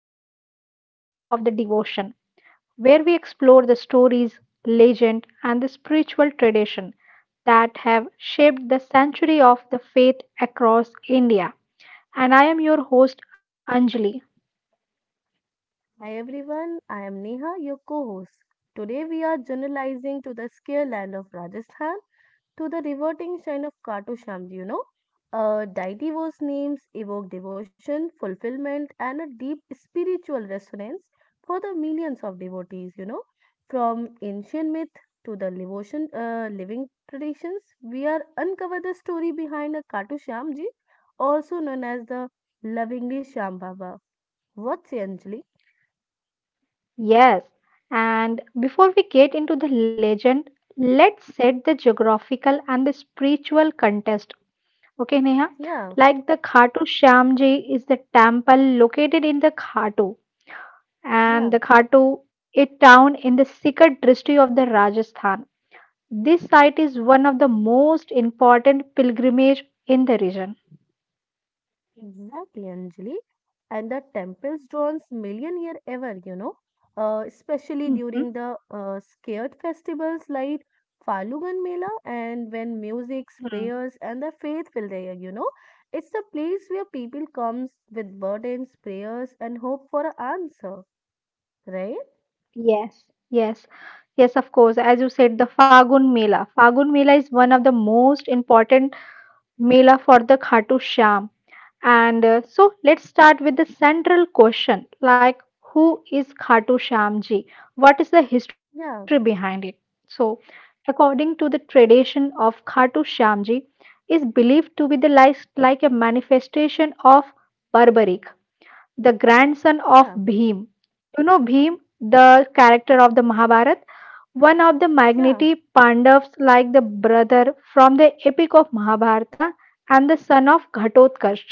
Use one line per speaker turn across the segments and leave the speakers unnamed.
in the footprint of the devotion, where we explore the stories, legend, and the spiritual tradition that have shaped the century of the faith across India. And I am your host, Anjali.
Hi everyone, I am Neha, your co host. Today we are generalizing to the scare land of Rajasthan, to the reverting shine of Khatu Shyam, ji. A deity whose names evoke devotion, fulfillment, and a deep spiritual resonance for the millions of devotees. From ancient myth to the devotion, living traditions, we are uncover the story behind a Khatu Shyam, ji, also known as the lovingly Shyam Baba. What's Anjali?
Yes, and before we get into the legend, let's set the geographical and the spiritual context. Okay, Neha?
Yeah.
Like the Khatu Shyamji is the temple located in the Khatu and the
Yeah,
Khatu, a town in the Sikh district of the Rajasthan. This site is one of the most important pilgrimage in the region.
exactly, Anjali. And the temples draws million year ever, especially
Mhm.
during the scared festivals like Falugan Mela and when music,
Hmm.
prayers, and the faith will there. It's the place where people comes with burdens, prayers, and hope for an answer, right?
Yes, yes, yes, of course. As you said, the Fagun Mela. Fagun Mela is one of the most important Mela for the Khatu Sham. And so let's start with the central question like, who is Khatu Shyamji? What is the history
Yeah,
behind it? So, according to the tradition of Khatu Shyamji, is believed to be the like a manifestation of Barbarik, the grandson of
yeah,
Bhim. You know Bhim, the character of the Mahabharata, one of the
yeah.
magnity Pandavas, like the brother from the epic of Mahabharata, and the son of Ghatotkach.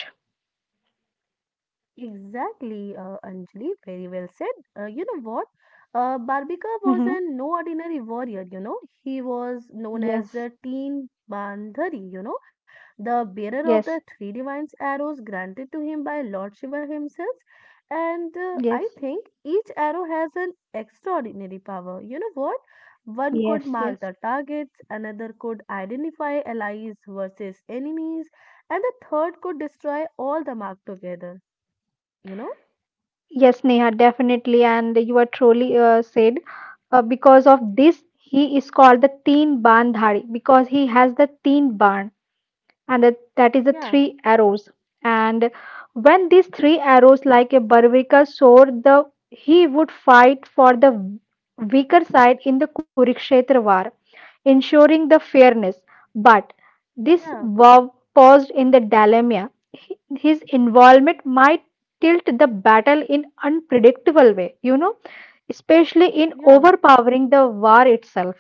Exactly, Anjali, very well said. You know what? Barbika was an no ordinary warrior. He was known as
Yes,
the Teen Bandhari, the bearer of the
yes,
three divine arrows granted to him by Lord Shiva himself. And
yes,
I think each arrow has an extraordinary power. You know what? One could
yes,
mark
yes,
the targets, another could identify allies versus enemies, and the third could destroy all the marked together, you know?
yes, Neha, definitely. And you are truly said, because of this, he is called the Teen Ban Dhari because he has the Teen Ban, and that is the
Yeah,
three arrows. And when these three arrows, like a Barvika sword, the he would fight for the weaker side in the Kurukshetra war ensuring the fairness. But this
yeah,
verb paused in the dilemma. His involvement might tilt the battle in unpredictable way, you know, especially in
yeah.
overpowering the war itself.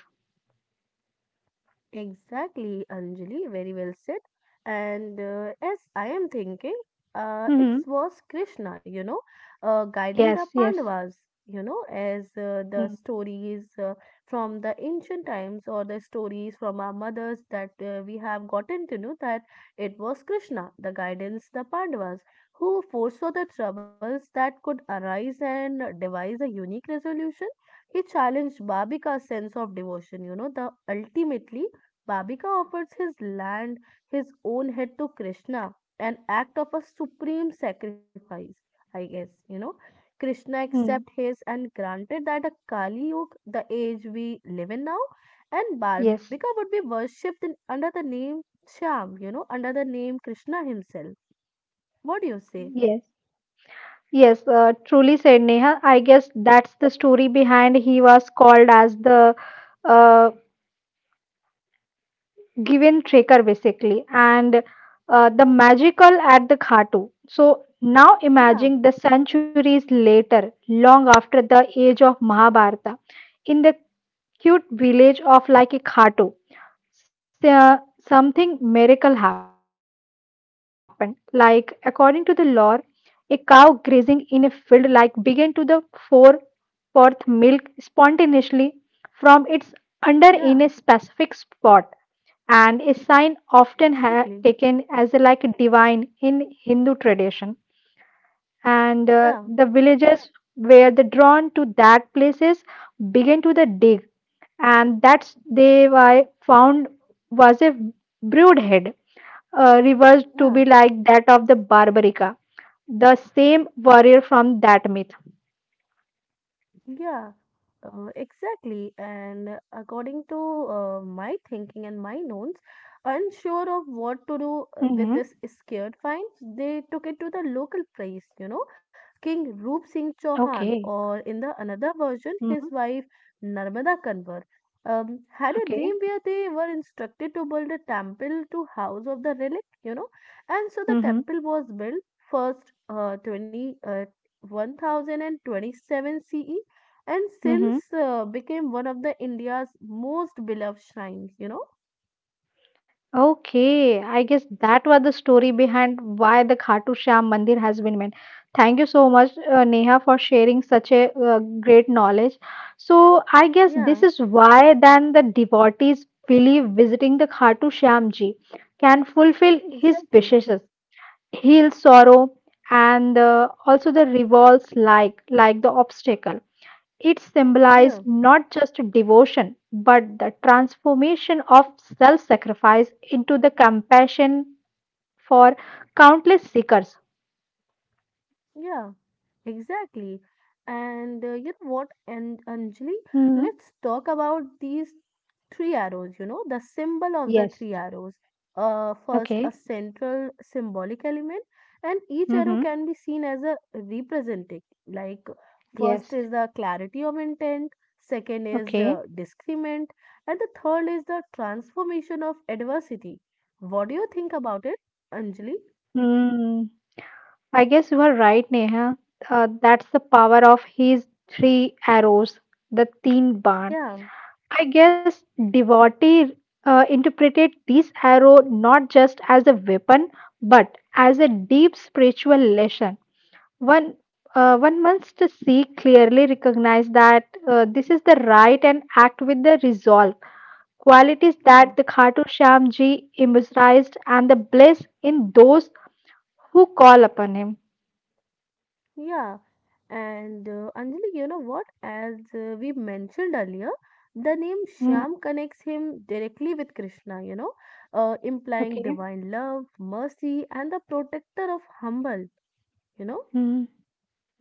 Exactly, Anjali, very well said. And as I am thinking, it
Hmm.
was Krishna,
Yes,
guiding the
yes.
Pandavas, as
Mm,
the stories from the ancient times or the stories from our mothers that we have gotten to know that it was Krishna, the guidance, the Pandavas, who foresaw the troubles that could arise and devise a unique resolution. He challenged Babika's sense of devotion, the ultimately Babika offers his land, his own head to Krishna, an act of a supreme sacrifice, I guess. Krishna accepted
mm.
his and granted that a Kali Yuga, the age we live in now, and Barbika
Yes,
would be worshipped in, under the name Shyam, under the name Krishna himself. What do you say?
yes, yes. Truly said, Neha. I guess that's the story behind he was called as the uh, given Trekar basically and the magical at the Khatu. So now
Yeah,
imagine the centuries later, long after the age of Mahabharata, in the cute village of like a Khatu, s- uh, something miracle happened. Like according to the lore, a cow grazing in a field like began to the four forth milk spontaneously from its under in a specific
yeah,
spot and a sign often taken
exactly.
as a like divine in Hindu tradition. And the
Yeah,
villagers were the drawn to that places began to the dig, and that's they were found was a brood head, reversed to be
yeah.
like that of the Barbarica, the same warrior from that myth.
Yeah, exactly. And according to my thinking and my notes, unsure of
Mm-hmm.
what to do with this scared fine, they took it to the local priest, King Roop Singh
Okay.
Chauhan, or in the another
Mm-hmm.
version, his wife Narmada Kanwar, had a
Okay.
dream where they were instructed to build a temple to house of the relic, and so the
Mm-hmm.
temple was built first, 20, 1027 CE, and since
Mm-hmm.
became one of the India's most beloved shrines, you know?
Okay, I guess that was the story behind why the Khatu Shyam Mandir has been made. Thank you so much, Neha, for sharing such a great knowledge. So, I guess
Yeah,
this is why then the devotees believe visiting the Khatu Shyam Ji can fulfill his
exactly.
wishes, heal sorrow, and also the revolves like the obstacle. It symbolized
Yeah.
not just devotion, but the transformation of self sacrifice into the compassion for countless seekers.
Yeah, exactly. And you know what, and Anjali,
Hmm.
let's talk about these three arrows, the symbol of the
Yes.
three arrows. First, a
Okay.
central symbolic element, and each arrow
Mm-hmm.
can be seen as a representing. Like, first
Yes.
is the clarity of intent, second is
Okay.
the discernment, and the third is the transformation of adversity. What do you think about it, Anjali?
Mm, I guess you are right, Neha. That's the power of his three arrows, the teen barn.
Yeah,
I guess devotee interpreted this arrow not just as a weapon but as a deep spiritual lesson. One one must see clearly recognize that this is the right and act with the resolve qualities
yeah.
that the Khatu Shyamji emphasized and the bliss in those who call upon him.
Yeah, and Anjali, you know what? As we mentioned earlier, the name
Hmm,
Shyam connects him directly with Krishna, implying
okay.
divine love, mercy, and the protector of humble, you know?
Hmm.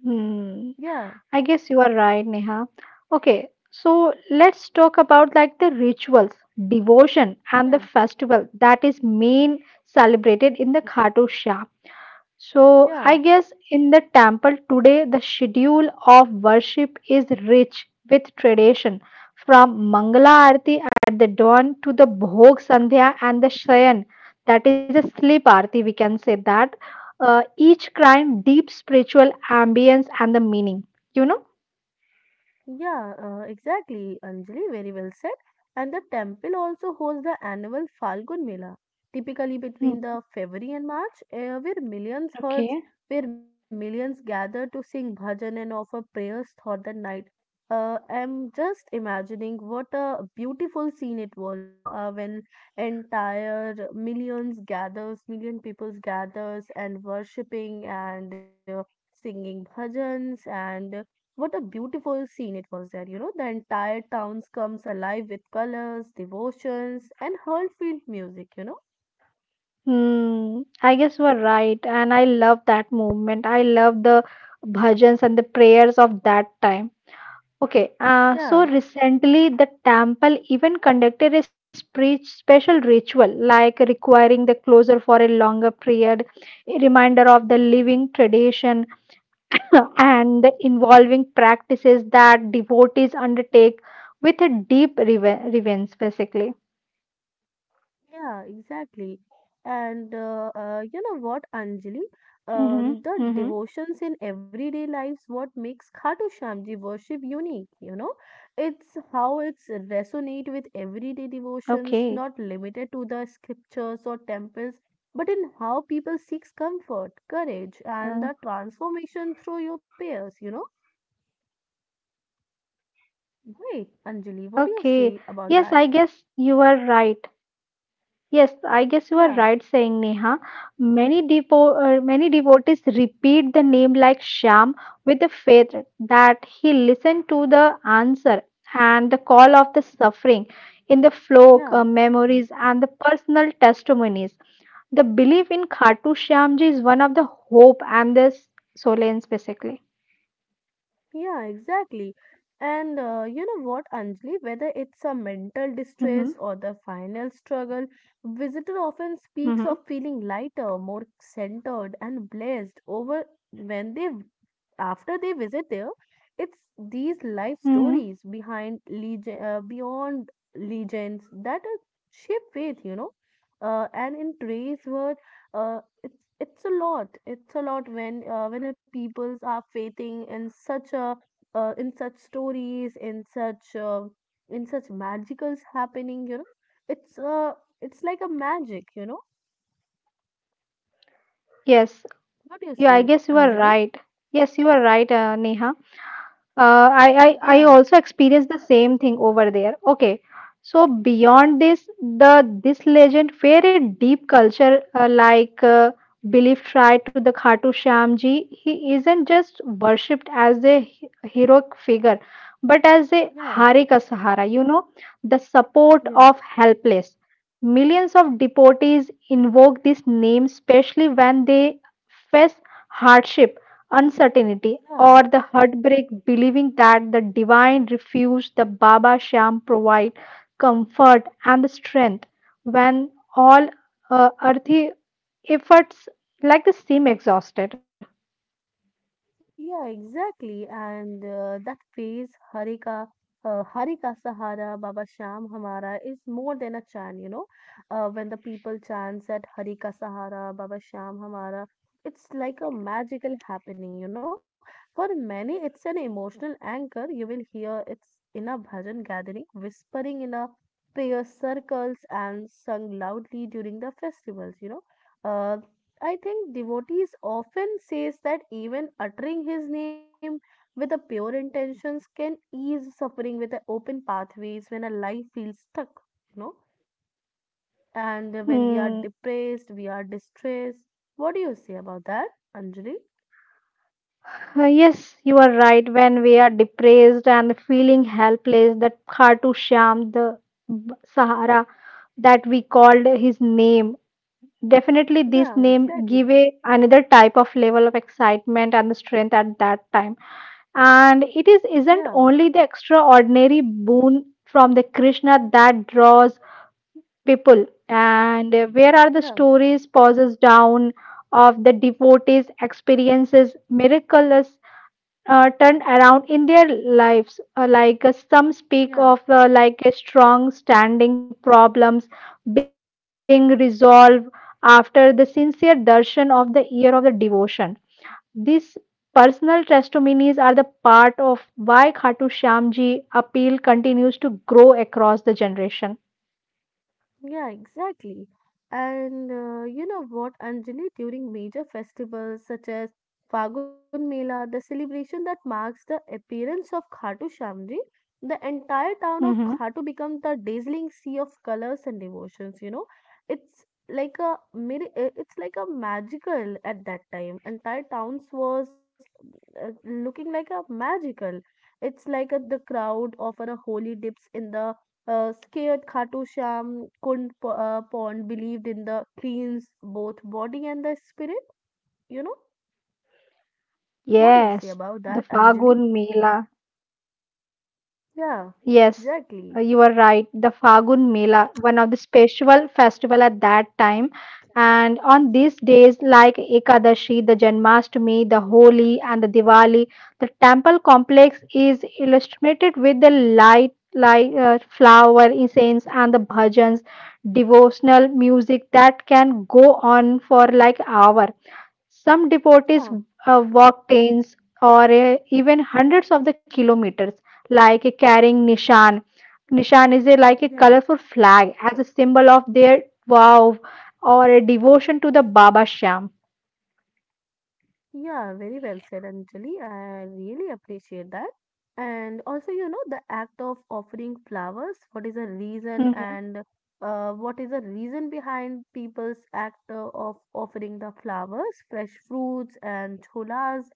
Hmm.
Yeah,
I guess you are right, Neha. Okay, so let's talk about like the rituals, devotion, and the
yeah,
festival that is main celebrated in the Khatu Shah. So I
yeah.
guess in the temple today, the schedule of worship is rich with tradition, from Mangala Aarti at the dawn to the Bhog Sandhya and the Shayan, that is a sleep aarti. We can say that each crying deep spiritual ambience and the meaning. You know.
Yeah, exactly, Anjali, very well said. And the temple also hosts the annual Falgun Mela, typically between the
Mhm.
February and March,
Okay.
where millions gather to sing bhajan and offer prayers throughout the night. I'm just imagining what a beautiful scene it was, when million peoples gathers and worshipping and singing bhajans, and what a beautiful scene it was there. The entire towns comes alive with colors, devotions, and heartfelt music you know
Hmm. I guess you are right. And I love that movement. I love the bhajans and the prayers of that time. Okay. Uh,
yeah
so recently, the temple even conducted a special ritual, like requiring the closure for a longer period, a reminder of the living tradition, and the involving practices that devotees undertake with a deep reverence, basically.
Yeah, exactly. And you know what, Anjali?
Mm-hmm.
The
Mm-hmm.
devotions in everyday lives, what makes Khatu Shyamji worship unique, you know? It's how it's resonate with everyday
Okay.
devotions, not limited to the scriptures or temples, but in how people seeks comfort, courage,
uh,
and the transformation through your peers, you know? Great, Anjali, what do you say
Okay.
about
Yes,
that?
I guess you are right. Yes, I guess you are
Yeah,
right saying Neha. Many devotees repeat the name like Shyam with the faith that he listened to the answer and the call of the suffering in the flow
yeah.
memories and the personal testimonies. The belief in Khatu Shyamji is one of the hope and the solace basically.
Yeah, exactly. And you know what, Anjali, whether it's a mental
Mm-hmm.
distress or the final struggle, visitor often speaks
Mm-hmm.
of feeling lighter, more centered and blessed over when they after they visit there. It's these life
Mm-hmm.
stories behind legend, beyond legends that shape faith. And in today's world, it's a lot. It's a lot when when a peoples are faithing in such a in such stories, in such in such magicals happening. You know, it's like a magic. You know,
Yes.
what do you
Yeah, I
say,
guess you are
Anjali?
right. Yes, you are right, Neha. I
Yeah,
also experienced the same thing over there. Okay. So beyond this, the this legend where a deep culture belief tried to the Khatu Shyamji, he isn't just worshipped as a heroic figure, but as a
yeah,
Hari ka Sahara, you know, the support of
yeah,
helpless. Millions of devotees invoke this name, especially when they face hardship uncertainty,
yeah.
or the heartbreak, believing that the divine refuge, the Baba Sham, provide comfort and the strength when all earthly efforts like this seem exhausted.
Yeah, exactly. And that phrase, Harika Sahara, Baba Sham Hamara, is more than a chant. When the people chant that Harika Sahara, Baba Sham Hamara, it's like a magical happening. For many, it's an emotional anchor. You will hear it's in a bhajan gathering, whispering in a prayer circles, and sung loudly during the festivals. Uh, I think devotees often says that even uttering his name with a pure intentions can ease suffering with a open pathways when a life feels stuck, you know. And when we are
Hmm. Uh,
depressed, we are distressed. What do you say about that, Anjali?
Yes, you are right. When we are depressed and feeling helpless, that Khatu Sham, the Sahara that we called his name, definitely, this
Yeah,
name
exactly.
give a another type of level of excitement and strength at that time. And it is
Yeah,
isn't only the extraordinary boon from the Krishna that draws people. And where are the
yeah,
stories pauses down of the devotees experiences miracles turned around in their lives. Like some speak
yeah.
of like a strong standing problems being resolved after the sincere darshan of the year of the devotion. These personal testimonies are the part of why Khatu Shamji appeal continues to grow across the generation.
Yeah, exactly. And you know what, Anjali, during major festivals such as Fagun Mela, the celebration that marks the appearance of Khatu Shamji, the entire town of
Mhm.
Khatu becomes the dazzling sea of colors and devotions. It's like a it's like a magical at that time. Entire towns was looking like a magical. It's the crowd offer a holy dips in the scared, Khatu Sham couldn't pawn, believed in the queen's both body and the spirit. You know, what do you
Yes,
say about
the
that, Anjali?
Fagun Mela. Yes, you
Yeah,
are right. The
exactly.
Fagun Mela, one of the special festival at that time. And on these days like Ekadashi, the Janmashtami, the Holi and the Diwali, the temple complex is illustrated with the light like flower incense and the bhajans devotional music that can go on for like hour some devotees
Yeah,
walk tens or even hundreds of the kilometers, like carrying nishan. Nishan is a, like a
yeah.
colorful flag as a symbol of their vow or a devotion to the Baba Shyam.
Yeah, very well said, Anjali. I really appreciate that. And also, the act of offering flowers,
Mhm.
what is the reason behind people's act of offering the flowers, fresh fruits and cholas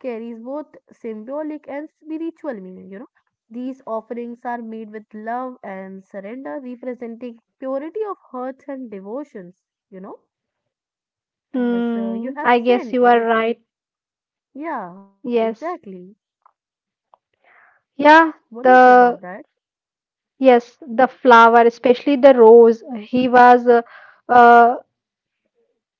carries both symbolic and spiritual meaning. These offerings are made with love and surrender, representing purity of hearts and devotions, you know. As
Hmm,
You
I
have
guess you are
seen, if
right.
you yeah,
Yes.
exactly.
Yeah,
What do you say
the
about that?
yes, the flower, especially the rose. He was uh,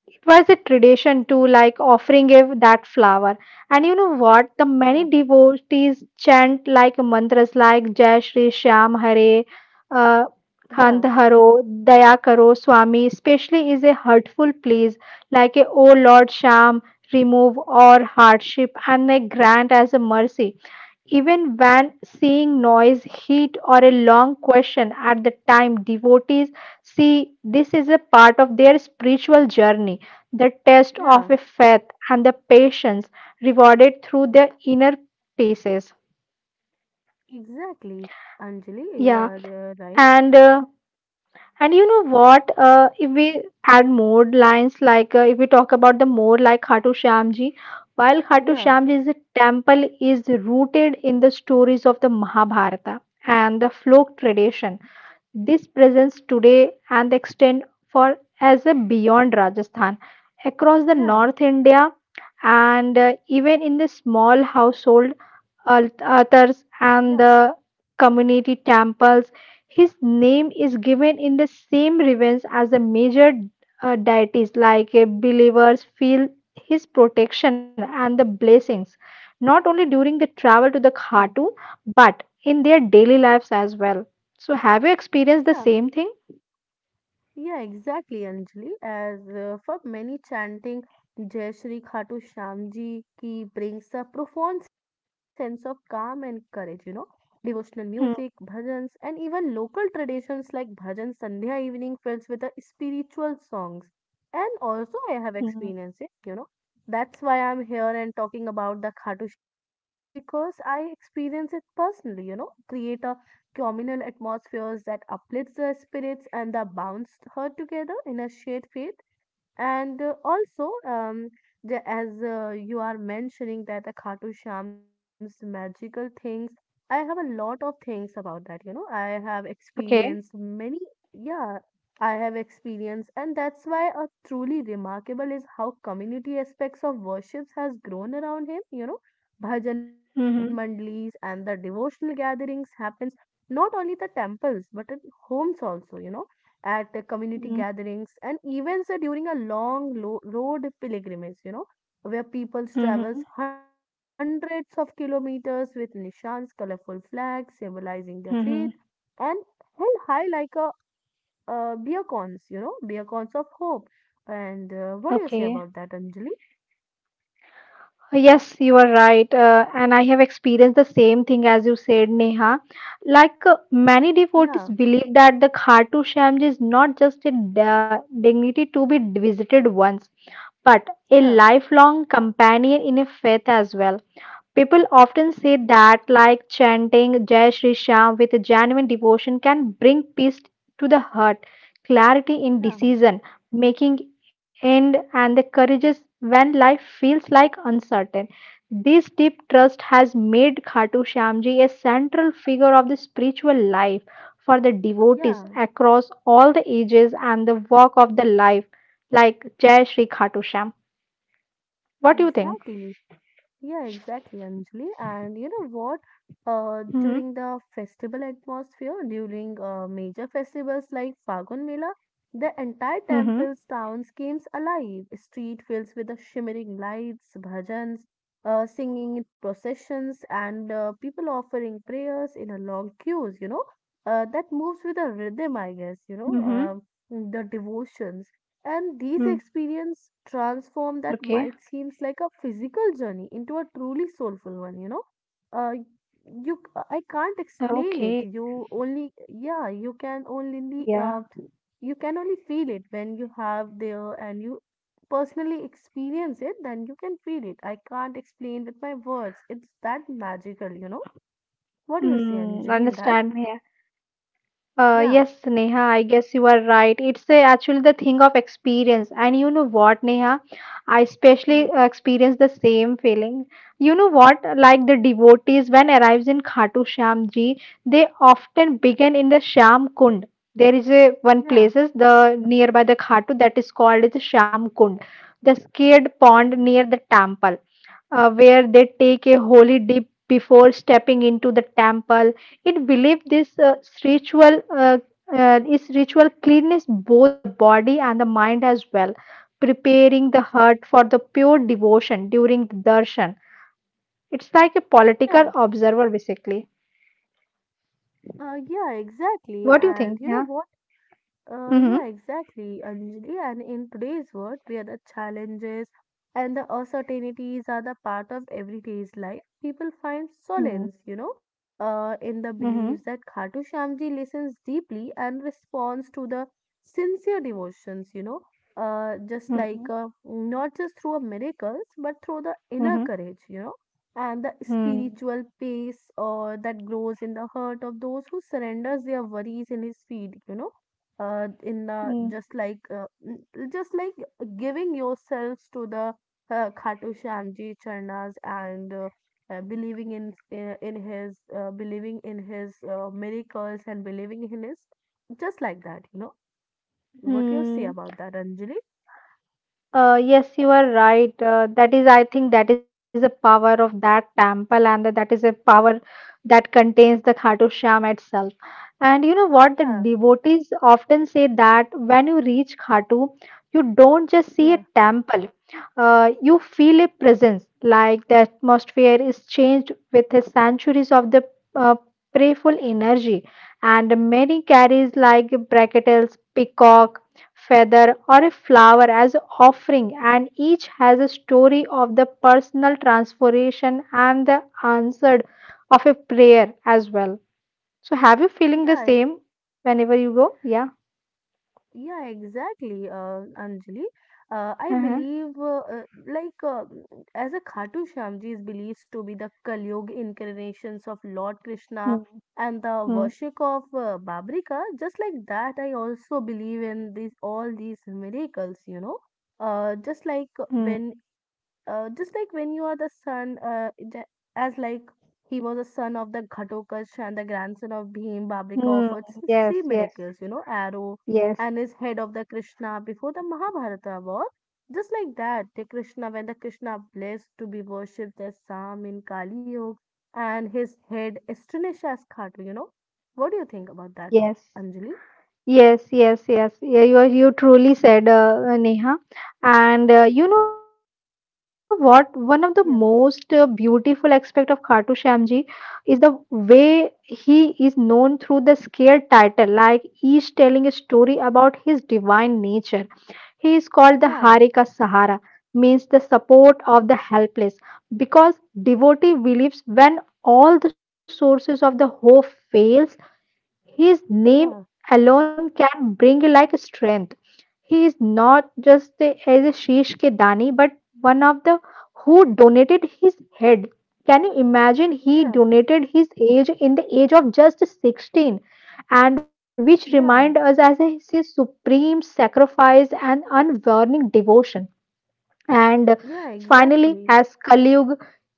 it was a tradition to like offering a, that flower and you know what the
Yeah,
many devotees chant like mantras like jai shri shyam hare uh,
yeah,
khand haro daya karo swami especially is a hurtful please like a oh lord Shyam, remove all hardship and a grant as a mercy even when seeing noise, heat, or a long question at the time, devotees see this is a part of their spiritual journey, the test of a
yeah,
faith and the patience rewarded through their inner pieces.
exactly. Anjali, you
Yeah,
are right.
and uh, and you know what? If we add more lines, like if we talk about the more like Khatu Shyamji, while Khatu
Yeah,
Shyamji's temple is rooted in the stories of the Mahabharata and the folk tradition. This presence today and extend for as a beyond Rajasthan across the
yeah,
North India and even in the small household altars
yeah,
and the community temples. His name is given in the same reverence as the major deities, like believers feel his protection and the blessings, not only during the
yeah,
travel to the Khatu, but in their daily lives as well. So have you experienced
yeah.
the same thing?
Yeah, exactly, Anjali. As For many, chanting Jai Shri Khatu Shyam Ji ki brings a profound sense of calm and courage. You know, devotional music, bhajans, and even local traditions like bhajan Sandhya evening fills with the spiritual songs. And also, I have
Mm-hmm.
experienced it. You know, that's why I'm here and talking about the Khatu Shyam Ji because I experience it personally. You know, create a communal atmospheres that uplifts the spirits and that bounds her together in a shared faith. And also, as you are mentioning that the Khatu Sham's magical things, I have a lot of things about that. You know, I have experienced
Okay.
many, yeah, I have experienced, and that's why a truly remarkable is how community aspects of worships has grown around him. You know, bhajan mandlis
Mm-hmm.
and the devotional gatherings happens not only the temples but in homes also. You know, at the community gatherings and events during a long road pilgrimage, where people travels
Mm-hmm.
hundreds of kilometers with nishans, colorful flags symbolizing their faith,
Mm-hmm.
and held high like a beacons of hope. And what do you say
Okay.
about that, Anjali?
Yes, you are right. And I have experienced the same thing as you said, Neha. Like many
Yeah,
devotees believe that the Khatu Shyam ji is not just a dignity to be visited once, but a
yeah,
lifelong companion in a faith as well. People often say that, like chanting Jai Shri Shyam with genuine devotion, can bring peace to the heart, clarity in
yeah,
decision making, end, and the courage when life feels like uncertain. This deep trust has made Khatu Shyamji a central figure of the spiritual life for the devotees
yeah,
across all the ages and the walk of the life, like Jai Shri Khatu Shyam. What do you think?
exactly. Yeah, exactly, Anjali. And you know what?
Hmm.
During the festival atmosphere, during major festivals like Phagun Mela, the entire temple's town comes alive. Street fills with the shimmering lights, bhajans, singing in processions, and people offering prayers in a long queues. That moves with a rhythm, I
Hmm.
guess.
Hmm.
The devotions. And these experiences transform that
Okay.
might seems like a physical journey into a truly soulful one, you know. Uh, I can't
Okay.
explain it. You only yeah,
Yeah.
you can only feel it when you have there and you personally experience it, then you can feel it. I can't explain with my words. It's that magical. What do you see,
Mm,
Anjali, in that?
understand. Yeah. Uh,
Yeah.
yes, Neha, I guess you are right. It's a, actually the thing of experience. And you know what, Neha? I
Yeah.
especially experience the same feeling. You know what? Like the devotees, when arrives in Khatu Shyam Ji, they often begin in the Shyam Kund. There is a one
Yeah,
places the nearby the Khatu that is called as Shyam Kund, the scared pond near the temple. Where they take a holy dip before stepping into the temple. It believed this ritual is ritual cleanliness both the body and the mind as well, preparing the heart for the pure devotion during the darshan. It's like a
yeah,
political observer basically.
yeah,
What
exactly.
do you think?
And you
Yeah.
know what?
Mm-hmm.
Yeah, exactly, Anjali. And in today's world, where the challenges and the uncertainties are the part of everyday's life, people find
Mm-hmm.
solace, in the beliefs that Khatu Shyamji listens deeply and responds to the sincere devotions, just
Mm-hmm.
like not just through a miracles, but through the
Mm-hmm.
inner courage, and the
Mm-hmm.
spiritual peace or that grows in the heart of those who surrenders their worries in his feet, in the
Mm-hmm.
just like just like giving yourselves to the Khatu Shyamji Charnas and believing in his believing in his miracles and believing in his just like that. What you say
Mm-hmm.
about that, Anjali?
Yes, you are right. That is, I think, that is the power of that temple, and that is a power that contains the Khatu Shyam itself. And you know what? The
Yeah,
devotees often say that when you reach Khatu, you don't just see a
yeah,
temple, you feel a presence, like the atmosphere is changed with the centuries of the uh, prayerful energy. And many carries like bracketels, peacock feather, or a flower as offering, and each has a story of the personal transformation and the answered of a prayer as well. So, have you feeling the
yeah,
same whenever you go? Yeah.
yeah, exactly, Anjali. I
Uh-huh.
believe, like, as a Khatu Shyamji is believed to be the Kalyug incarnations of Lord Krishna
Mm,
and the
mm,
worship of Babrika. Just like that, I also believe in these all these miracles, you know. Uh, just like
mm,
when just like when you are the son, j- as like he was a son of the Ghatokash and the grandson of Bhim, Babrika
mm.
offered his
Yes,
three
yes,
miracles, you know, arrow
yes,
and his head of the Krishna before the Mahabharata war. Just like that, the Krishna blessed to be worshipped as Sam in Kali Yuga and his head astonished as Khatu, you know. What do you think about that,
yes.
Anjali?
Yes, yes, yes. Yeah, you truly said, Neha. And you know what? One of the most
Yeah,
beautiful aspect of Khatu Shyamji is the way he is known through the scared title, like each telling a story about his divine nature. He is called the Harika
yeah,
Sahara, means the support of the helpless, because devotee believes when all the sources of the hope fails his name
yeah,
alone can bring like strength. He is not just a, as a Shish Ke Dani, but one of the who donated his head. Can you imagine? He
yeah,
donated his age in the age of just 16, and which remind us
yeah,
as a, his supreme sacrifice and unwavering devotion. And
yeah,
finally,
exactly,
as Kaliyug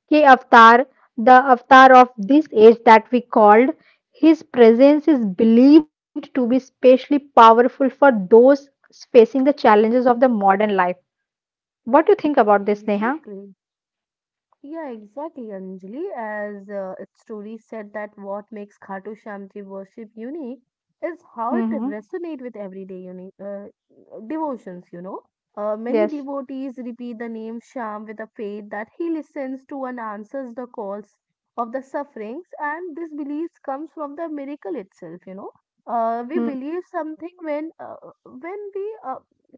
ke avatar, the avatar of this age that we called, his presence is believed to be especially powerful for those facing the challenges of the modern life. What do you think about this, Neha?
exactly. Yeah, exactly, Anjali. As its story said, that what makes Khatu Shamji worship unique is how it
Mm-hmm.
resonates with everyday devotions, you know. Many
Yes.
devotees repeat the name Sham with a faith that he listens to and answers the calls of the sufferings, and this belief comes from the miracle itself, you know. We
Mm-hmm.
believe something when we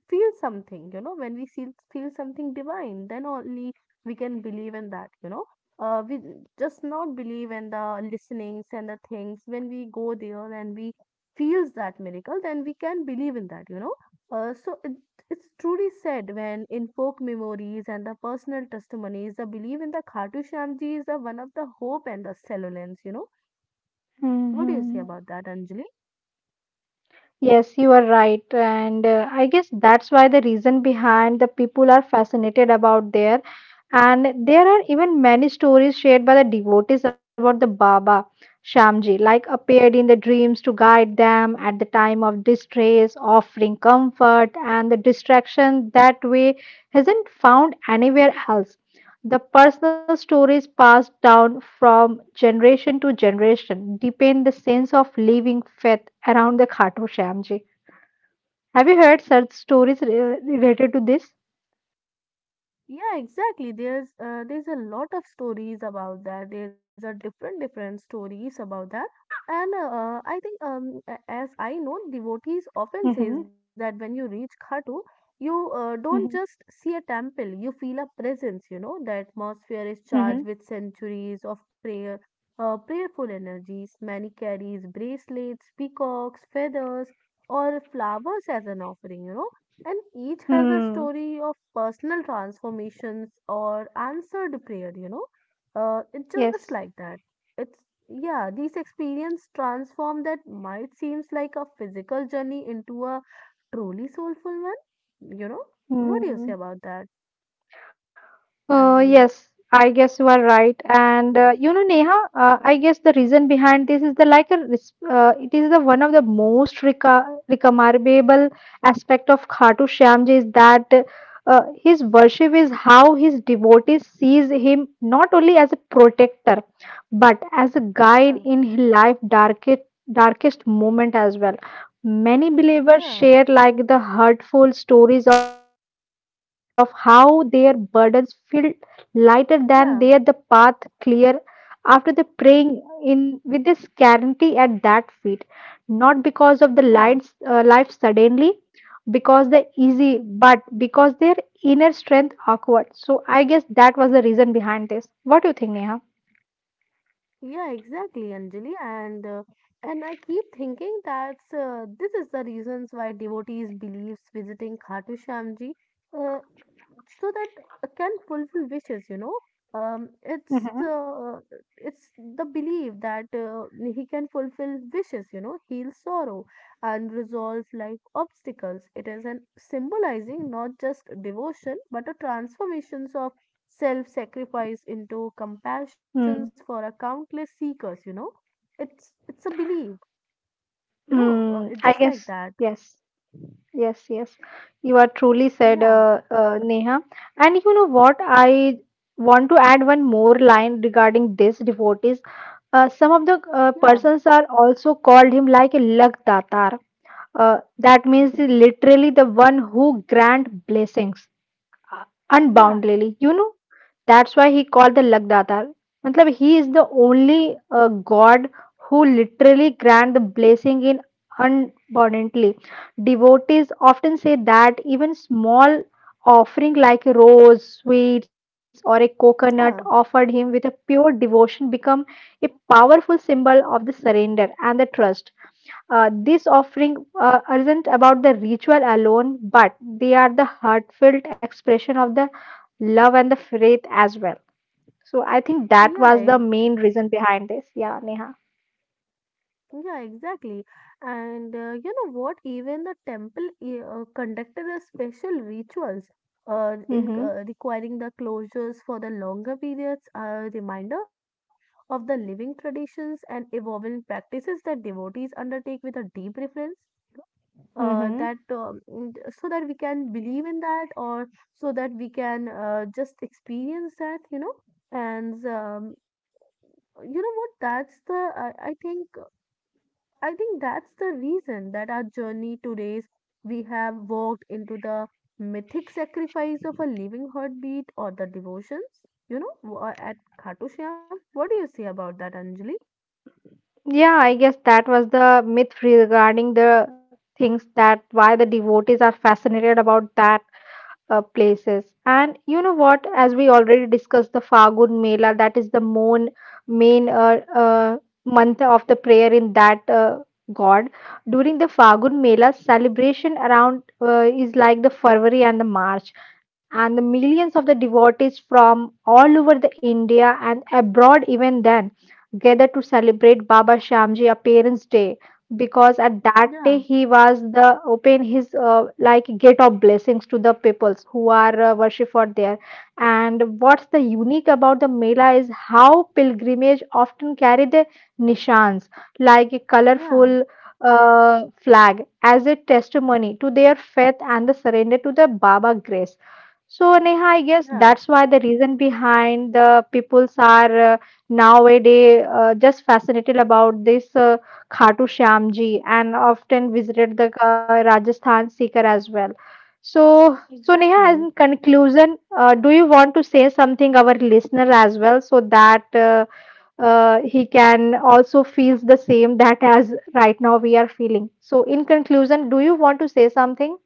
feel something, you know, when we feel something divine, then only we can believe in that. We just not believe in the listenings and the things when we go there and we feels that miracle, then we can believe in that. So it's truly said when in folk memories and the personal testimonies the belief in the Khatu Shyamji is the one of the hope and the solence, what do you say
Mm-hmm.
about that, Anjali?
Yes, you are right. And I guess that's why the reason behind the people are fascinated about there. And there are even many stories shared by the devotees about the Baba Shamji, like appeared in the dreams to guide them at the time of distress, offering comfort and the distraction that way isn't found anywhere else. The personal stories passed down from generation to generation deepen the sense of living faith around the Khatu Shyamji. Have you heard such related to this?
Yeah, exactly. There's a lot of stories about that. There's a different different stories about that, and I think as I know, devotees often says
Mm-hmm.
that when you reach Khatu, you don't
Mm-hmm.
just see a temple, you feel a presence. You know, the atmosphere is charged
Mm-hmm.
with centuries of prayer, prayerful energies. Many carries bracelets, peacocks, feathers, or flowers as an offering. And each has a
Hmm.
story of personal transformations or answered prayer. It's just like
Yes.
that. It's, yeah, these experience transform that might seems like a physical journey into a truly soulful one, what do you say about
Mm.
that,
Uh,
Anjali?
yes, I guess you are right. And you know, Neha, I guess the reason behind this is the like a res- it is the one of the most recommendable aspect of Khatu Shyamji is that his worship is how his devotees sees him not only as a protector but as a
Yeah,
guide in his life darkest moment as well. Many believers
yeah,
share like the hurtful stories of how their burdens feel lighter than there the path clear
yeah,
after the praying in with this guarantee at that feet not because of the lights life
yeah,
suddenly because they're easy but because their inner strength awkward. So I guess that was the reason behind this. What do you think, Neha?
yeah, exactly, Anjali. And I keep thinking that's this is the reasons why devotees believes visiting Khatu Shyamji uh, so that can fulfill wishes. Um, it's
Hmm.
uh, it's the belief that he can fulfill wishes. You know, heal sorrow and resolve life obstacles. It is an symbolizing not just devotion but a transformations of self sacrifice into compassions for
Mm.
a countless seekers. It's a belief, it's just
Mm, I
like that.
guess. Yes. Yes, yes, you are truly
Yeah,
said, Neha. And you know what? I want to add one more line regarding this devotees. Some of the
yeah,
persons are also called him like a luck datar. That means he literally the one who grant blessings unbound
yeah,
lily. That's why he called the lakdatar, matlab he is the only god who literally grant the blessing in abundantly. Devotees often say that even small offering like a rose sweets or a coconut offered
yeah,
him with a pure devotion become a powerful symbol of the surrender and the trust. This offering isn't about the ritual alone but they are the heartfelt expression of the love and the faith as well. So I think that was
yeah
the
e-
main reason behind this. Yeah, Neha.
yeah, exactly. And you know what, even the temple conducted a special rituals in
Mm-hmm.
requiring the closures for the longer periods, a reminder of the living traditions and evolving practices that devotees undertake with a deep reverence,
Mm-hmm.
so that we can believe in that, or so that we can just experience that. And um, you know what, that's the I think that's the reason that our journey today's we have walked into the mythic sacrifice of a living heartbeat or the devotions, at Khatu Shyam. What do you say about that, Anjali?
Yeah, I guess that was the myth regarding the things that why the devotees are fascinated about that places. And you know what? As we already discussed, the Fagun Mela, that is the main month of the prayer in that god. During the Fagun Mela, celebration around is like the February and the March. And the millions of the devotees from all over the India and abroad even then gather to celebrate Baba Shamji Appearance Day, because at that
Yeah,
day he was the open his like gate of blessings to the peoples who are worship for there. And what's the unique about the mela is how pilgrimage often carry the nishans, like a
yeah,
colorful flag as a testimony to their faith and the surrender to the baba grace. So Neha, I guess
yeah,
that's why the reason behind the peoples are nowadays just fascinated about this Khatu Shyam ji and often visited the Rajasthan Sikar as well. So Neha,
exactly.
in conclusion, do you want to say something our listener as well so that he can also feels the same that as right now we are feeling? So, in conclusion, do you want to say something?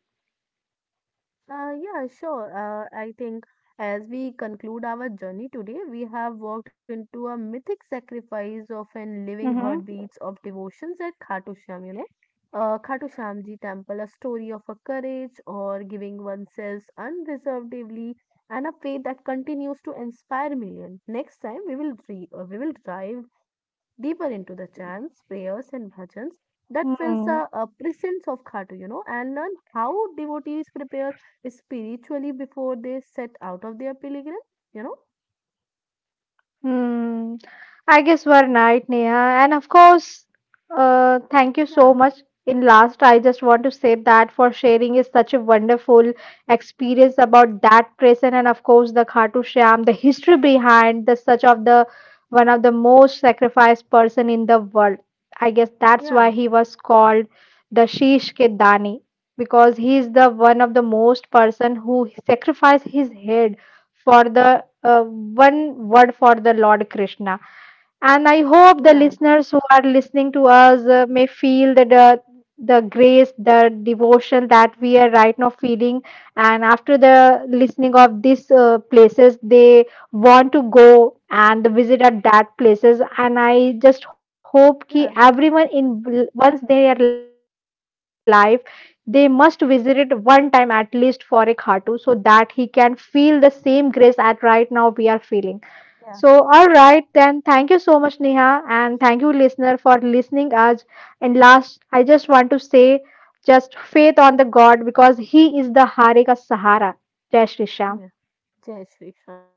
Yeah, sure. I think as we conclude our journey today, we have walked into a mythic sacrifice of an living
Mm-hmm.
heartbeats of devotions at Khatu Shyam, you know. Khatu Shyam Ji temple, a story of a courage or giving oneself unreservedly and a faith that continues to inspire millions. Next time, we will dive deeper into the chants, prayers, and bhajans that feels a
Hmm.
presence of Khatu, you know, and learn how devotees prepare spiritually before they set out of their pilgrim, you know?
Hmm. I guess we're night, Neha. And of course, thank you
Yeah,
so much. In last, I just want to say that for sharing is such a wonderful experience about that prison and of course the Khatu Shyam, the history behind the such of the one of the most sacrificed person in the world. I guess that's
yeah,
why he was called the Sheesh Ke Dani, because he is the one of the most person who sacrificed his head for the one word for the Lord Krishna. And I
yeah,
hope the listeners who are listening to us may feel that the grace, the devotion that we are right now feeling, and after the listening of these places, they want to go and visit at that places. And I just hope ki
yeah,
everyone in once they are life, they must visit it one time at least for a khatu, so that he can feel the same grace at right now we are feeling. So, all right,
yeah,
then thank you so much, Neha, and thank you, listener, for listening us. And last, I just want to say just faith on the God because He is the Harika Sahara. Jai Shri Shyam.
yeah. Jai Shri Ram.